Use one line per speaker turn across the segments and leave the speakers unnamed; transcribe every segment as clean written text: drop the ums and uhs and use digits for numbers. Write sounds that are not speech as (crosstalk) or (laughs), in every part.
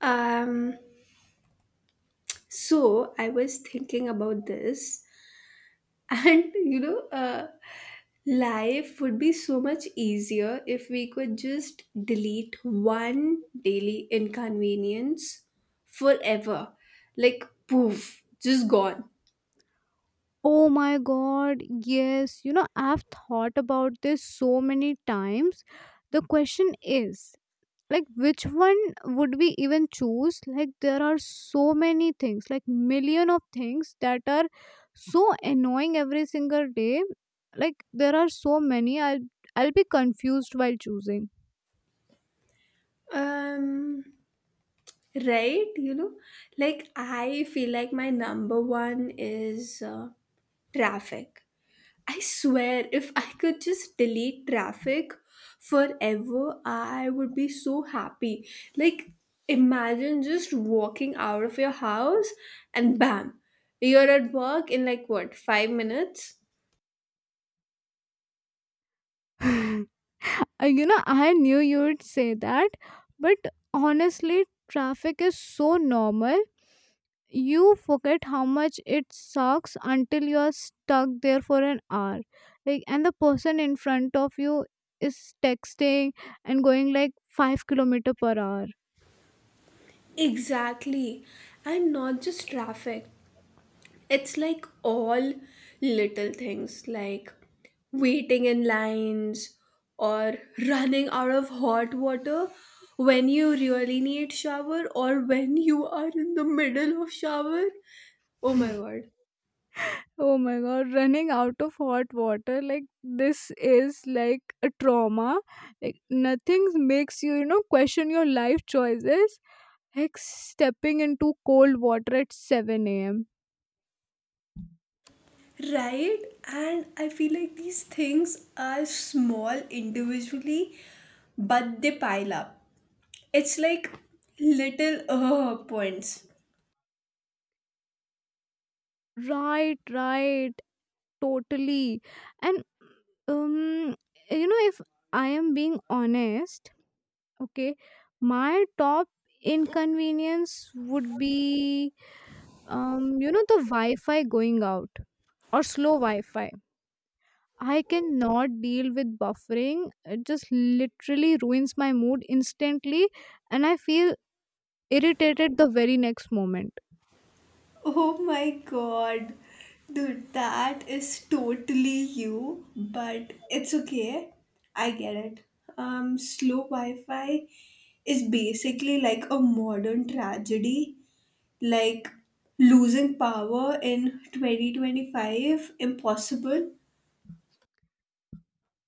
Um, so I was thinking about this, and (laughs) life would be so much easier if we could just delete one daily inconvenience forever. Like, poof, just gone.
This so many times. The question is, like, which one would we even choose? Like, there are so many things, like million of things that are so annoying every single day. Like, there are so many I'll be confused while choosing.
Um, right? Like I feel like my number one is traffic. I swear, if I could just delete traffic forever, I would be so happy. Like, imagine just walking out of your house and bam, you're at work in like what, 5 minutes?
(laughs) You know I knew you would say that, but honestly, traffic is so normal. You forget how much it sucks until you're stuck there for an hour, like, and the person in front of you is texting and going like 5 kilometer per hour.
Exactly. And not just traffic. It's like all little things like waiting in lines or running out of hot water when you really need shower or when you are in the middle of shower. Oh my word.
Oh my god, running out of hot water, like, this is like a trauma. Like, nothing makes you you know question your life choices, like stepping into cold water at 7 a.m.
Right? And I feel like these things are small individually, but they pile up. It's like little points.
Right, right. Totally. And um you know, if I am being honest, okay, my top inconvenience would be, you know, the wi-fi going out or slow wi-fi. I cannot deal with buffering. It just literally ruins my mood instantly, and I feel irritated the very next moment.
Oh my god. Dude, that is totally you, but it's okay. I get it. Slow Wi Fi is basically like a modern tragedy. Like losing power in 2025, impossible.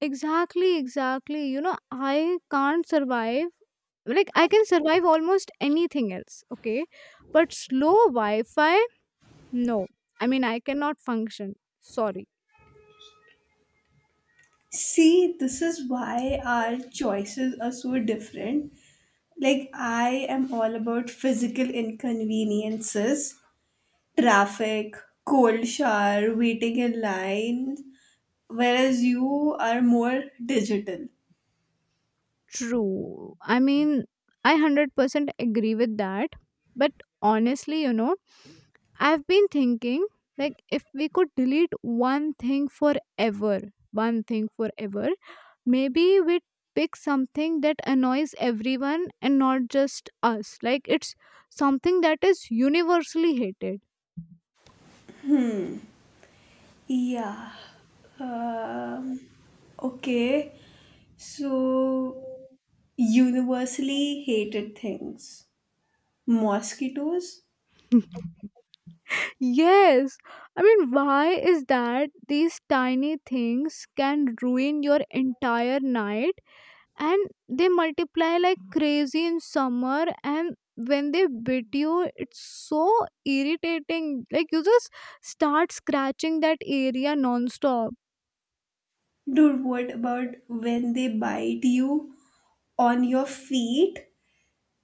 Exactly, exactly. You know, I can't survive. Like, I can survive almost anything else, okay, but slow wi-fi, no. I mean, I cannot function, sorry.
See, this is why our choices are so different. Like, I am all about physical inconveniences, traffic, cold shower, waiting in lines, whereas you are more digital.
True. I mean, I 100% agree with that. But honestly, you know, I've been thinking, like, if we could delete one thing forever, one thing forever, maybe we'd pick something that annoys everyone and not just us, like, it's something that is universally hated.
Yeah. Um, okay. So, universally hated things. Mosquitoes?
Yes. I mean, why is that these tiny things can ruin your entire night, and they multiply like crazy in summer, and when they bit you it's so irritating. Like, you just start scratching that area nonstop.
Dude, what about when they bite you on your feet?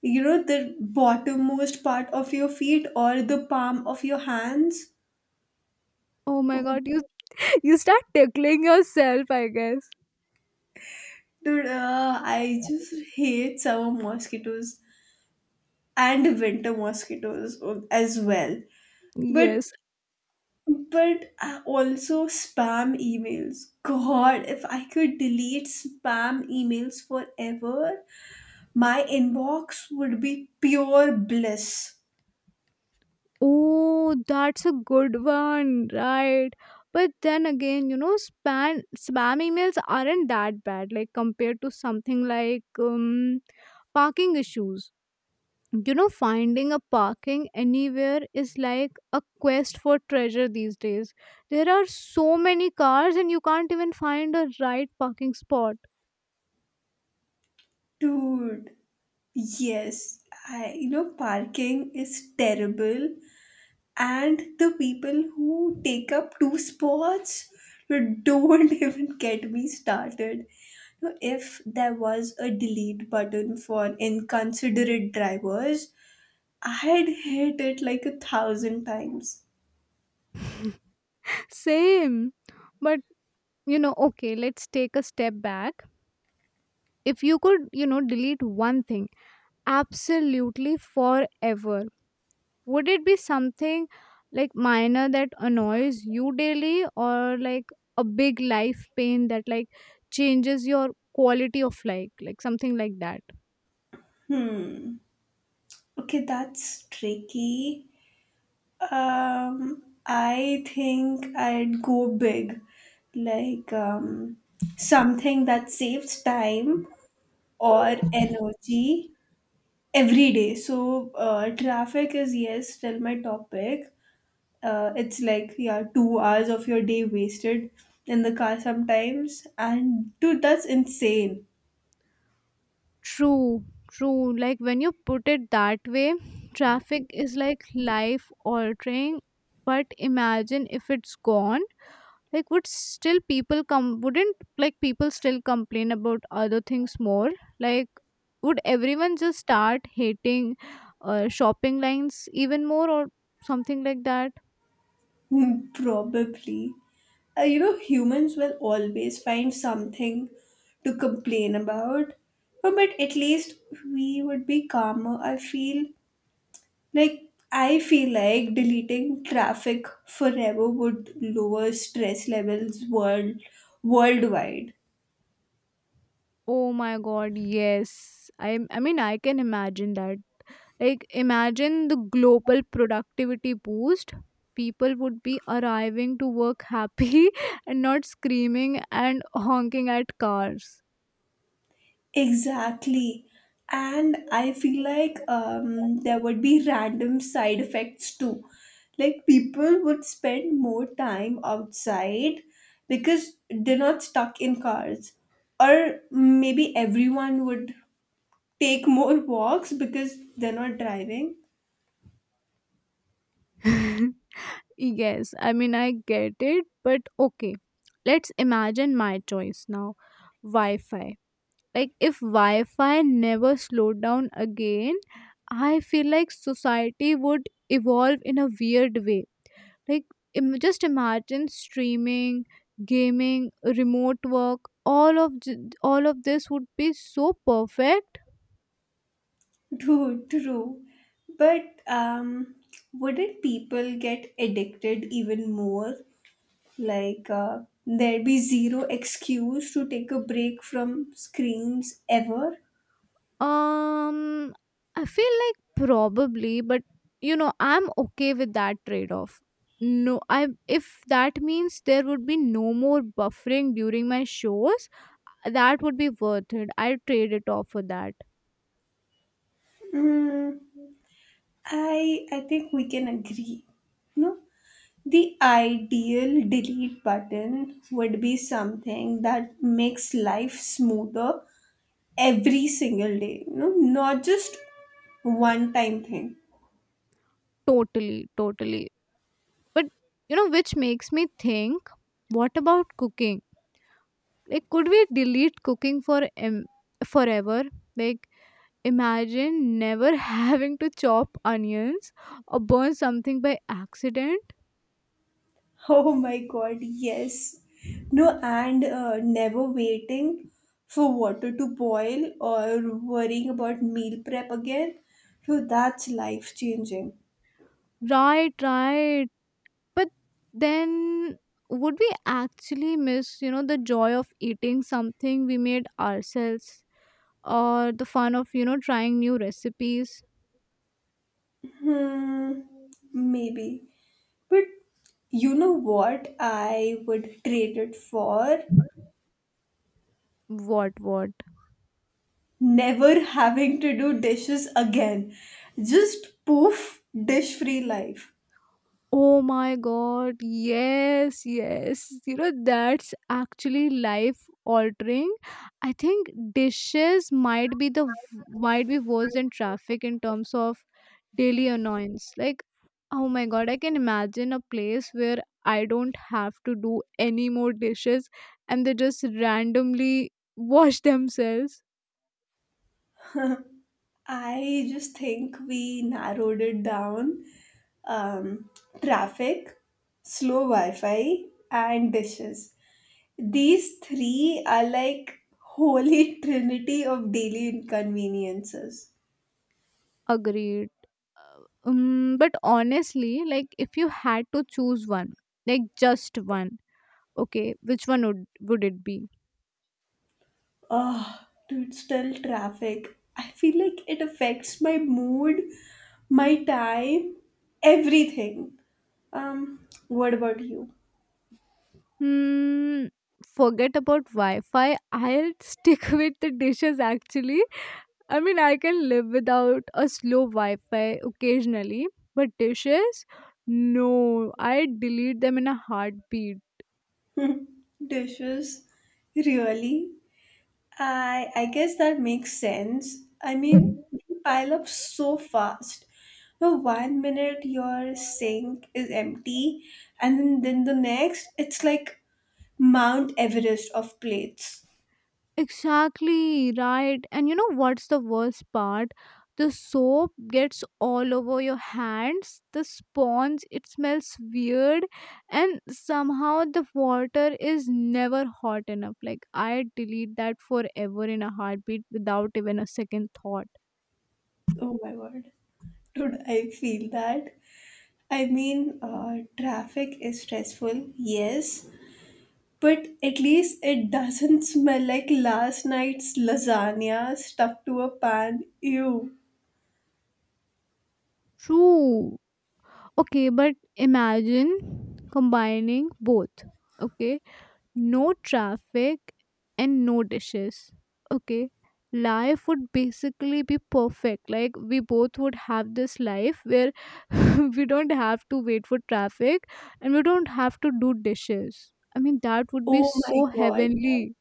You know, the bottommost part of your feet or the palm of your hands?
Oh my god, you (laughs) you start tickling yourself, I guess.
Dude, I just hate summer mosquitoes and winter mosquitoes as well. But
Yes.
but I also spam emails. God, if I could delete spam emails forever, my inbox would be pure bliss.
Oh, that's a good one, right? But then again, you know, spam emails aren't that bad, like, compared to something like, parking issues. You know, finding a parking anywhere is like a quest for treasure these days. There are so many cars, and you can't even find a right parking spot.
Dude, yes, I parking is terrible and the people who take up two spots you don't (laughs) even get me started. So, if there was a delete button for inconsiderate drivers, I'd hit it like a thousand times.
Same, but, you know, okay, let's take a step back. If you could, you know, delete one thing absolutely forever. Would it be something like minor that annoys you daily, or like a big life pain that, like, changes your quality of life, like something like that?
Okay, that's tricky. um I think I'd go big, like something that saves time or energy every day. So, traffic is, yes, still my topic. It's like, yeah, 2 hours of your day wasted in the car sometimes. And, dude, that's insane. (laughs)
True, true. Like, when you put it that way, traffic is like life altering. But imagine if it's gone, like would still people come, wouldn't, like, people still complain about other things more, like would everyone just start hating, shopping lines even more, or something like that?
Hmm, probably. You know, humans will always find something to complain about. But at least we would be calmer, I feel. Like, I feel like deleting traffic forever would lower stress levels worldwide.
Oh my god, yes. I mean, I can imagine that. Like, imagine the global productivity boost. People would be arriving to work happy (laughs) and not screaming and honking at cars.
Exactly. And I feel like there would be random side effects too. Like people would spend more time outside because they're not stuck in cars. Or maybe everyone would take more (laughs) walks because they're not driving.
(laughs) Yes, I mean, I get it, but okay, let's imagine my choice now, Wi Fi. Like, if Wi Fi never slowed down again, I feel like society would evolve in a weird way. Like, just imagine streaming, gaming, remote work. All of j- all of this would be so perfect.
True, true. But wouldn't people get addicted even more? Like, there'd be zero excuse to take a break from screens ever?
Um, I feel like probably, but, you know, I'm okay with that trade off. No, I if that means there would be no more buffering during my shows, that would be worth it. I'd trade it off for that.
Mm, I think we can agree. No, the ideal delete button would be something that makes life smoother every single day. No, not just one time thing.
Totally, totally. But, you know, which makes me think, what about cooking? Like, could we delete cooking for forever? Like, imagine never (laughs) having to chop onions or burn something by accident.
(laughs) Oh my god, yes. No, and never waiting for water to boil or worrying about meal prep again. So that's life changing.
Right, right. But then would we actually miss, you know, the joy of eating something we made ourselves or the fun of, you know, trying new recipes?
Hmm, maybe. But you know what I would trade it for?
What, what?
Never having to do dishes again. Just poof, dish free life.
Oh my god, yes, yes. You know, that's actually life altering. I think dishes might be worse than traffic in terms of daily annoyance. Like, oh my god, I can imagine a place where I don't have to do any more dishes, and they just randomly (laughs) wash themselves.
I just think we narrowed it down. Um, Traffic, slow Wi Fi, and dishes. These three are like holy (laughs) trinity of daily inconveniences.
Agreed. Uh, but honestly, like, if you had to choose one, like just one, okay, which one would it be?
Oh, dude, still traffic. I feel like it affects my mood, my time, everything. What about you?
Hmm, forget about Wi-Fi. I'll stick (laughs) with the dishes actually. I mean, I can live without a slow Wi-Fi occasionally, but dishes? No, I delete them in a heartbeat.
(laughs) Dishes? Really? I guess that makes sense. I mean, they pile up so fast. No, 1 minute your sink is empty, and then the next, it's like Mount Everest of plates.
Exactly, right. And you know what's the worst part? The soap gets all over your hands, the sponge, it smells weird, and somehow the water is never hot enough. Like, I delete that forever in a heartbeat without even a second thought.
Oh my god. Dude, I feel that. I mean, traffic is stressful, yes, but at least it doesn't smell like last night's lasagna stuck to a pan. Ew.
True. Okay, but imagine combining both. Okay, no traffic and no dishes, okay, life would basically be perfect. Like, we both would have this life where (laughs) we don't have to wait for traffic, and we don't have to do dishes. I mean, that would be
Oh my
so
god.
heavenly.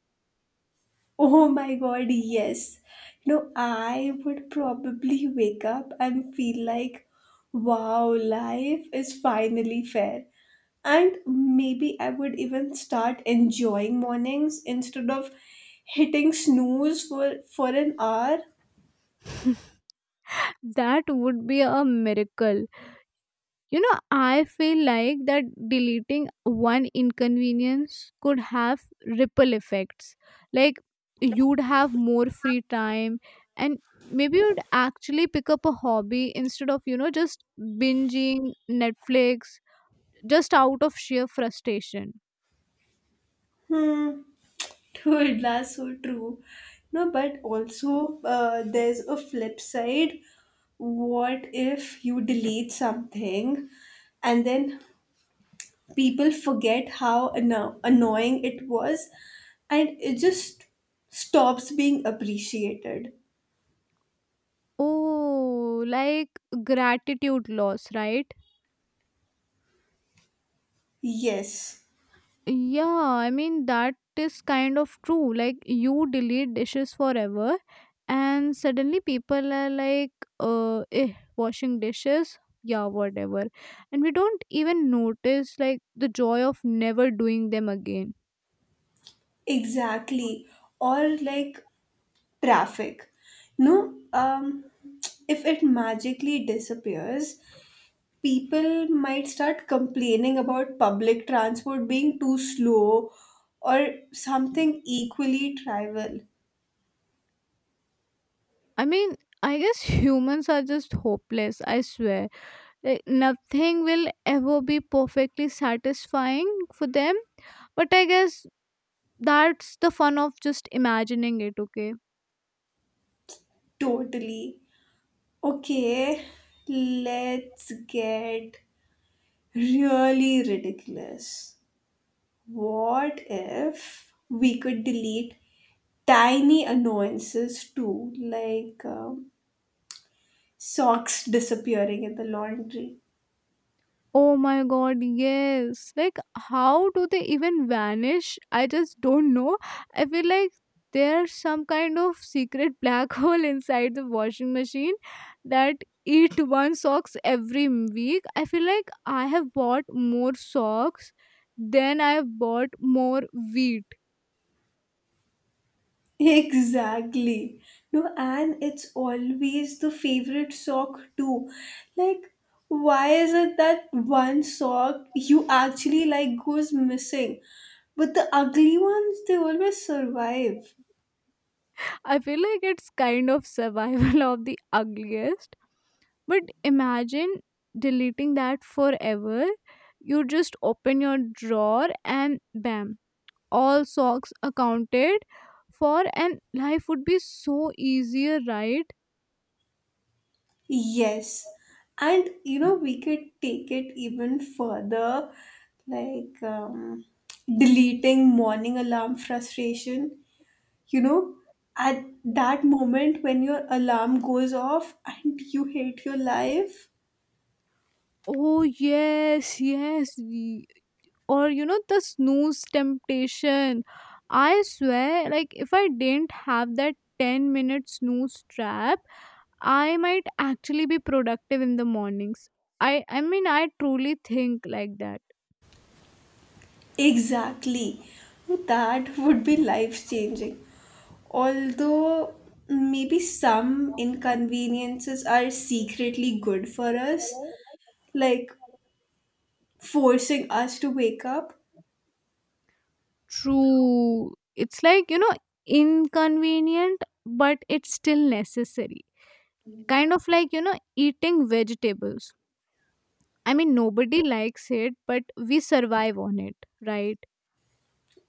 Oh my god, yes. You know, I would probably wake up and feel like, wow, life is finally fair. And maybe I would even start enjoying mornings instead of hitting snooze for an hour.
(laughs) That would be a miracle. You know, I feel like that deleting one inconvenience could have ripple effects. Like, you'd have more free time, and maybe you'd actually pick up a hobby instead of, you know, just binging Netflix just out of sheer frustration.
Hmm, (laughs) dude, that's so true. No, but also, there's a flip side. What if you delete something and then people forget how annoying it was and it just stops being appreciated.
Oh, like gratitude loss, right?
Yes,
Yeah, I mean, that is kind of true. Like, you delete dishes forever, and suddenly people are like, washing dishes, yeah, whatever. And we don't even notice, like, the joy of never doing them again.
exactly. Or like traffic. No, if it magically disappears, people might start complaining about public transport being too slow or something equally trivial.
I mean, I guess (laughs) humans are just hopeless, I swear. Like, nothing will ever be perfectly satisfying for them, but I guess that's the fun of just imagining it, okay?
Totally. Okay, let's get really ridiculous. What if we could delete tiny annoyances too, like socks disappearing in the laundry?
Oh my god, yes. Like, how do they even vanish? I just don't know. I feel like there's some kind of secret black (laughs) hole inside the washing machine that eat one socks every week. I feel like I have bought more socks than I have bought more wheat.
(laughs) Exactly. No, and it's always the favorite sock too. Like, why is it that one sock you actually like goes missing? But the ugly ones, they always survive.
I feel like it's kind of survival (laughs) of the ugliest. But imagine deleting that forever. You just open your drawer and bam, all socks accounted for, and life would be so easier, right?
Yes, and you know, we could take it even further, like deleting morning alarm frustration. You know, at that moment when your alarm goes off and you hate your life,
Oh, yes, yes. Or, you know, the snooze temptation. I swear, like, if I didn't have that 10-minute snooze trap, I might actually be productive in the mornings. I mean, I truly think like that.
exactly. That would be life changing. Although maybe some inconveniences are secretly good for us, like forcing us to wake up.
True. It's like, you know, inconvenient, but it's still necessary. Kind of like, you know, eating vegetables. I mean, nobody likes it, but we survive on it, right?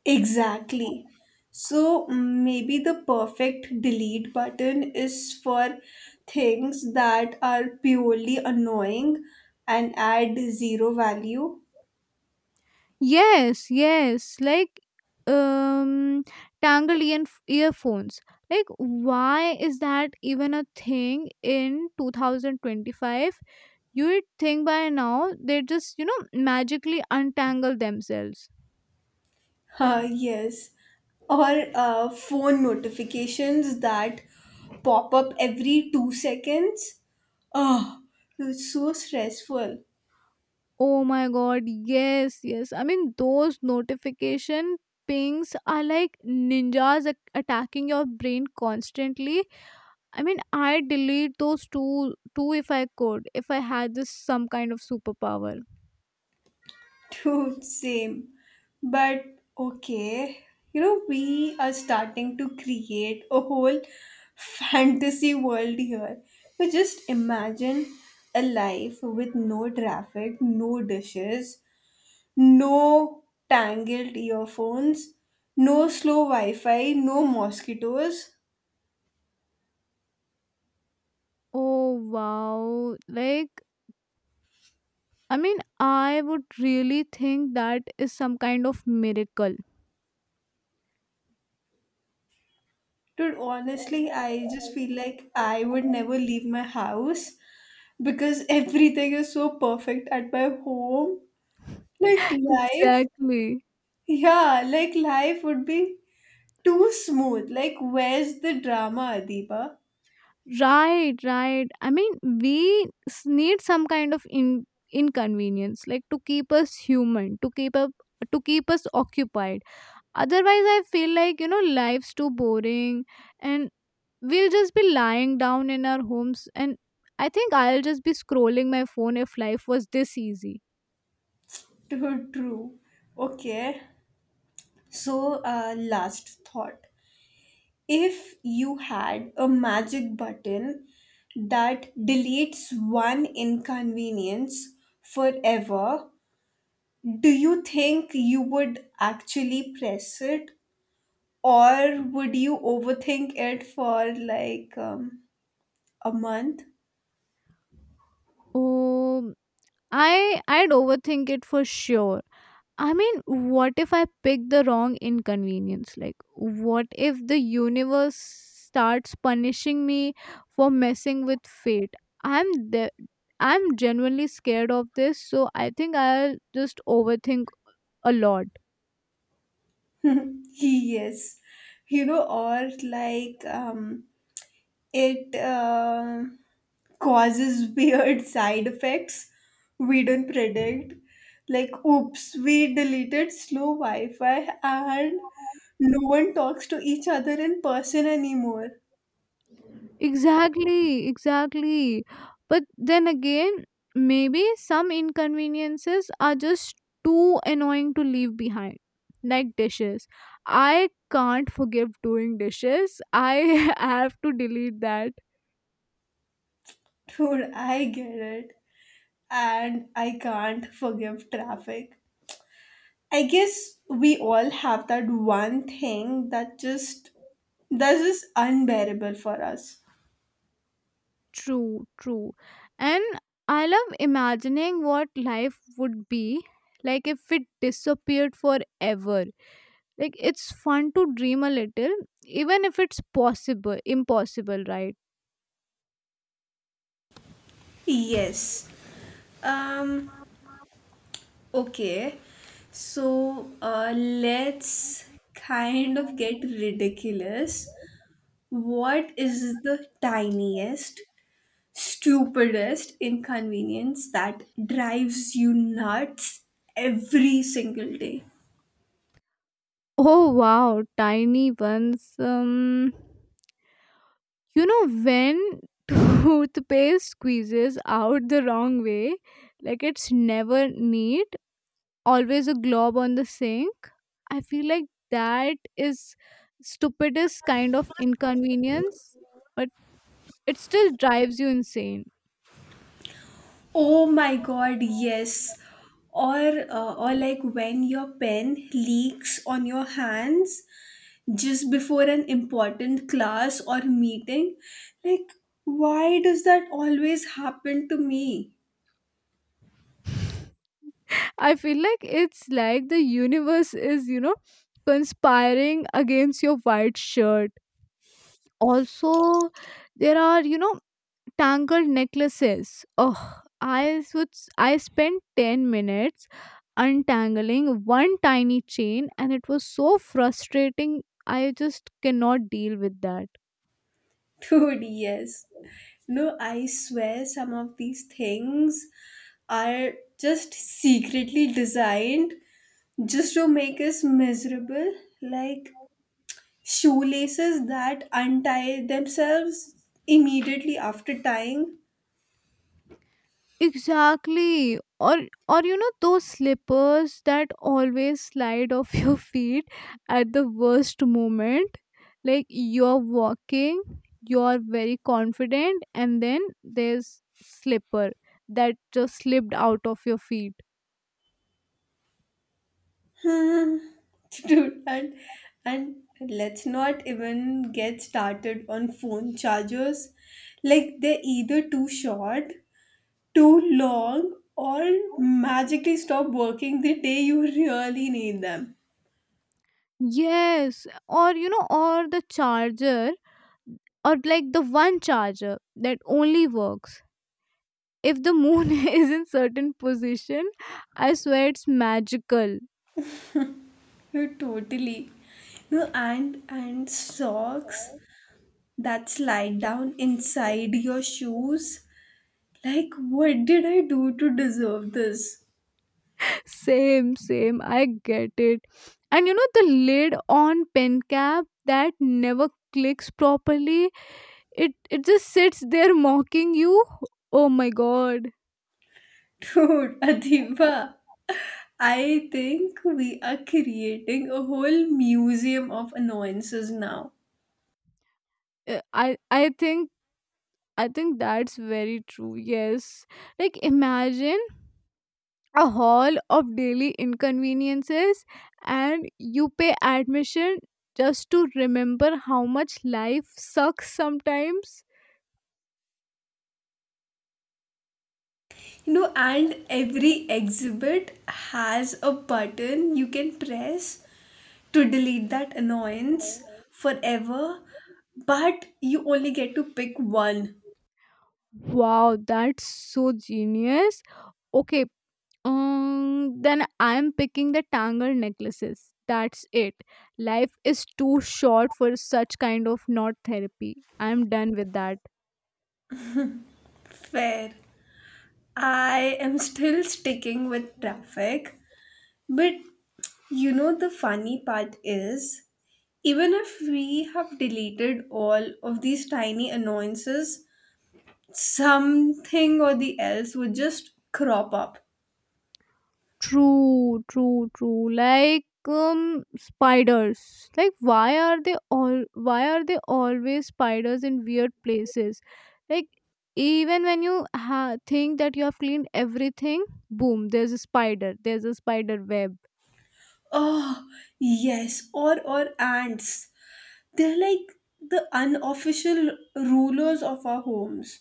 Exactly. So maybe the perfect delete button is for things that are purely annoying and add zero value.
Yes, yes. Like, um, tangled earphones. Like, why is that even a thing in 2025? You'd think by now they just, you know, magically untangle themselves.
Yes. Or phone notifications that pop up every 2 seconds. Oh, it's so stressful.
Oh my god, yes, yes. I mean, those notification pings are like ninjas attacking your brain constantly. I mean, I delete those two two if I could, if I had this some kind of superpower.
Dude, same. But okay, you know, we are starting to create a whole (laughs) fantasy world here. But just imagine a life with no traffic, no dishes, no tangled earphones, no slow Wi Fi, no mosquitoes.
Oh wow. Like, I mean, I would really think that is some kind of miracle.
Dude, honestly, I just feel like I would never leave my house because (laughs) everything is so perfect at my home. Like
(laughs)
life,
Exactly.
yeah, like life would be too smooth. Like, where's the drama, Adiba?
Right, right. I mean, need some kind of inconvenience, like, to keep us human, to keep up, to keep us occupied. Otherwise, I feel like, you know, life's too boring, and we'll just be lying down in our homes. And I think I'll just be scrolling my phone if life was this easy.
Too true. Okay, so last thought. If you had a magic button that deletes one inconvenience forever, do you think you would actually press it or would you overthink it for like a month?
Oh, I'd overthink it for sure. I mean, what if I pick the wrong inconvenience? Like, what if the universe starts punishing me for messing with fate? I'm the I'm genuinely scared of this, so I think I'll just overthink a lot.
Yes, you know, or like it causes (laughs) weird side effects we don't predict. Like, oops, we deleted slow Wi Fi and no one talks to each other in person anymore.
Exactly, exactly. But then again, maybe some inconveniences are just too annoying to leave behind. Like dishes. I can't forgive doing dishes. I (laughs) have to delete that.
(laughs) Dude, I get it. And I can't forgive traffic. I guess we all have that one thing that just that's just unbearable for us.
True, true. And I love imagining what life would be like if it disappeared forever. Like, it's fun to dream a little, even if it's possible, impossible, right?
Yes. Um, okay. So let's kind of get ridiculous. What is the tiniest, stupidest inconvenience that drives you nuts every single day?
Oh wow, tiny ones. You know when (laughs) toothpaste squeezes out the wrong way, like, it's never neat, always a glob on the sink. I feel like that is stupidest kind of inconvenience, but it still drives you insane.
Oh my god, yes. Or like when your pen leaks on your hands just before an important class or meeting. Like, why does that always happen to me?
I feel like it's like the universe is, you know, conspiring against your white shirt. Also, there are, you know, tangled necklaces. Oh, I spent 10 minutes untangling one tiny chain, and it was so frustrating. I just cannot deal with that.
(laughs) Dude, yes. No, I swear some of these things are just secretly designed just to make us miserable. Like shoelaces that untie themselves immediately after tying.
Exactly. Or you know those slippers that always slide off (laughs) your feet at the worst moment. Like, you're walking, you're very confident, and then there's slipper that just slipped out of your feet.
Hmm. (laughs) Dude, and let's not even get started on phone chargers. Like they're either too short, too long, or magically stop working the day you really need them.
Yes, or the charger, or like the one charger that only works if the moon (laughs) is in certain position. I swear it's magical.
You totally. No, and socks that slide down inside your shoes. Like what did I do to deserve this?
(laughs) Same, same. I get it. And you know, the lid on pen cap that never clicks properly. It just sits there mocking you. Oh my god.
Dude, (laughs) Adiba, I think we are creating a whole museum of annoyances now.
Uh, I I think I think that's very true. Yes. Like, imagine a hall of daily inconveniences, and you pay admission just to remember how much life sucks sometimes.
You know, and every exhibit has a button you can press to delete that annoyance forever, but you only get to pick one.
Wow, that's so genius. Okay, then I'm picking the tangle necklaces. That's it. Life is too short for such kind of not therapy. I'm done with that.
Fair. I am still sticking with traffic, but you know, the funny part is even if we have deleted all of these tiny annoyances, something or the else would just crop up.
True, true, true. Like, spiders. Like, why are they always spiders in weird places? Like, even when you think that you have cleaned everything, boom, there's a spider. There's a spider web.
Oh, yes, or ants. They're like the unofficial rulers of our homes.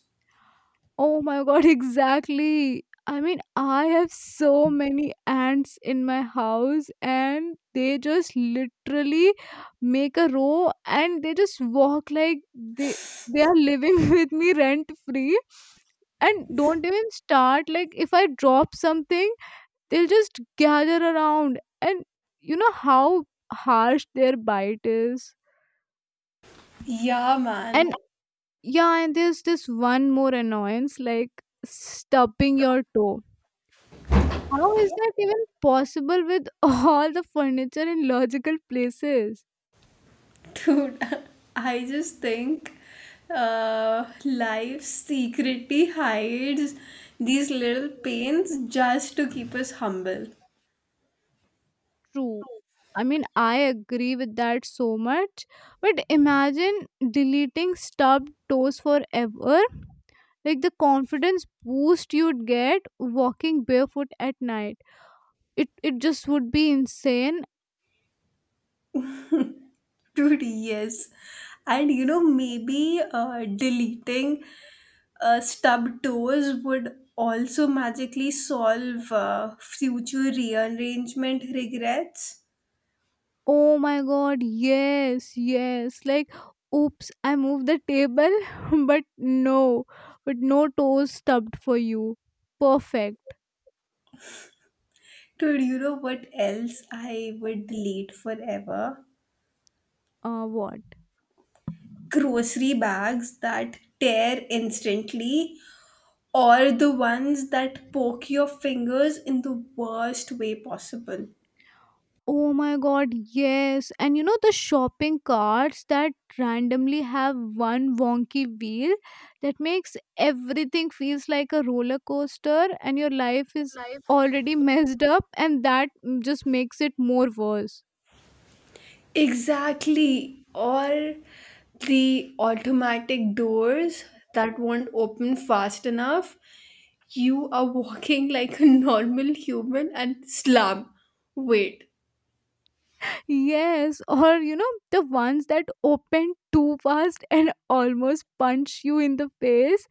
Oh my god, (laughs) exactly. I mean, I have so many ants in my house, and they just literally make a row, and they just walk like they are living (laughs) with me rent free. And don't even start, like, if I drop something, they'll just gather around, and you know how harsh their bite is.
Yeah, man.
And yeah, and there's this one more annoyance, like stubbing your toe. How is that even possible with (laughs) all the furniture in logical places?
Dude, (laughs) I just think life secretly hides these little pains just to keep us humble.
True. I mean, I agree with that so much. But imagine deleting stubbed toes forever. Like, the confidence boost you'd get walking barefoot at night. It just would be insane.
Dude, yes. And you know, maybe deleting stub toes would also magically solve future rearrangement regrets.
Oh my god, yes, yes. Like, oops, I moved the table, (laughs) but no, but no toes stubbed for you. Perfect.
Dude, you know what else I would delete forever?
What?
Grocery bags that tear instantly, or the ones that poke your fingers in the worst way possible.
Oh my god, yes. And you know the shopping carts that randomly have one wonky wheel that makes everything feels like a roller coaster, and your life is already messed up, and that just makes it more worse.
Exactly. Or the automatic doors that won't open fast enough. You are walking (laughs) like a normal human and slam. Wait.
Yes, or you know, the ones that open too fast (laughs) and almost punch you in the face.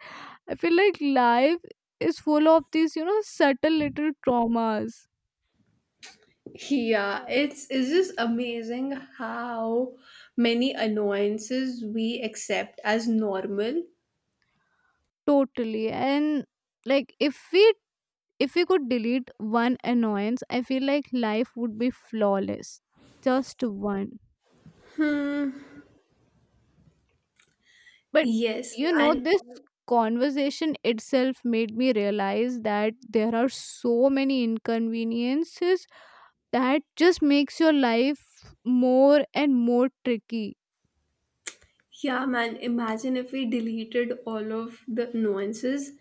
I feel like life is full of these, you know, subtle little traumas.
Yeah, it's just amazing how many annoyances we accept as normal.
Totally. And like, if we could delete one annoyance, I feel like life would be flawless. Just one.
Hmm.
But
Yes,
you know,
and
this conversation itself made me realize that there are so many inconveniences that just makes your life more and more tricky.
yeah, man, imagine if we deleted all of the nuances.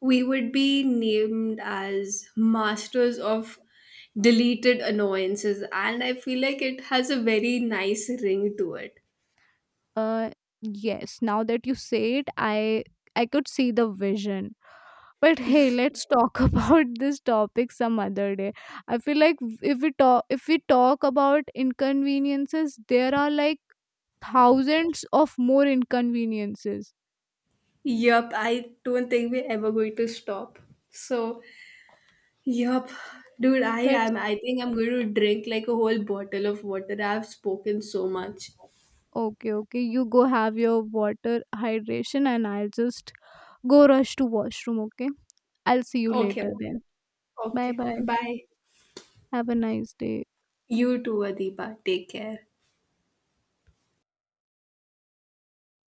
We would be named as masters of deleted annoyances, and I feel like it has a very nice ring to it.
Uh yes now that you say it, I could see the vision. But hey, let's talk (laughs) about this topic some other day. I feel like if we talk about inconveniences, there are like thousands of more inconveniences.
Yup, I don't think we're ever going to stop. So, yup, dude, I
let's
am. I think I'm going to drink like a whole bottle of water. I've spoken so much.
okay okay, you go have your water hydration, and I'll just go rush to washroom. Okay, I'll see you
Okay,
later then. Bye,
okay,
bye.
bye.
Have a nice day.
You too, Adiba. Take care.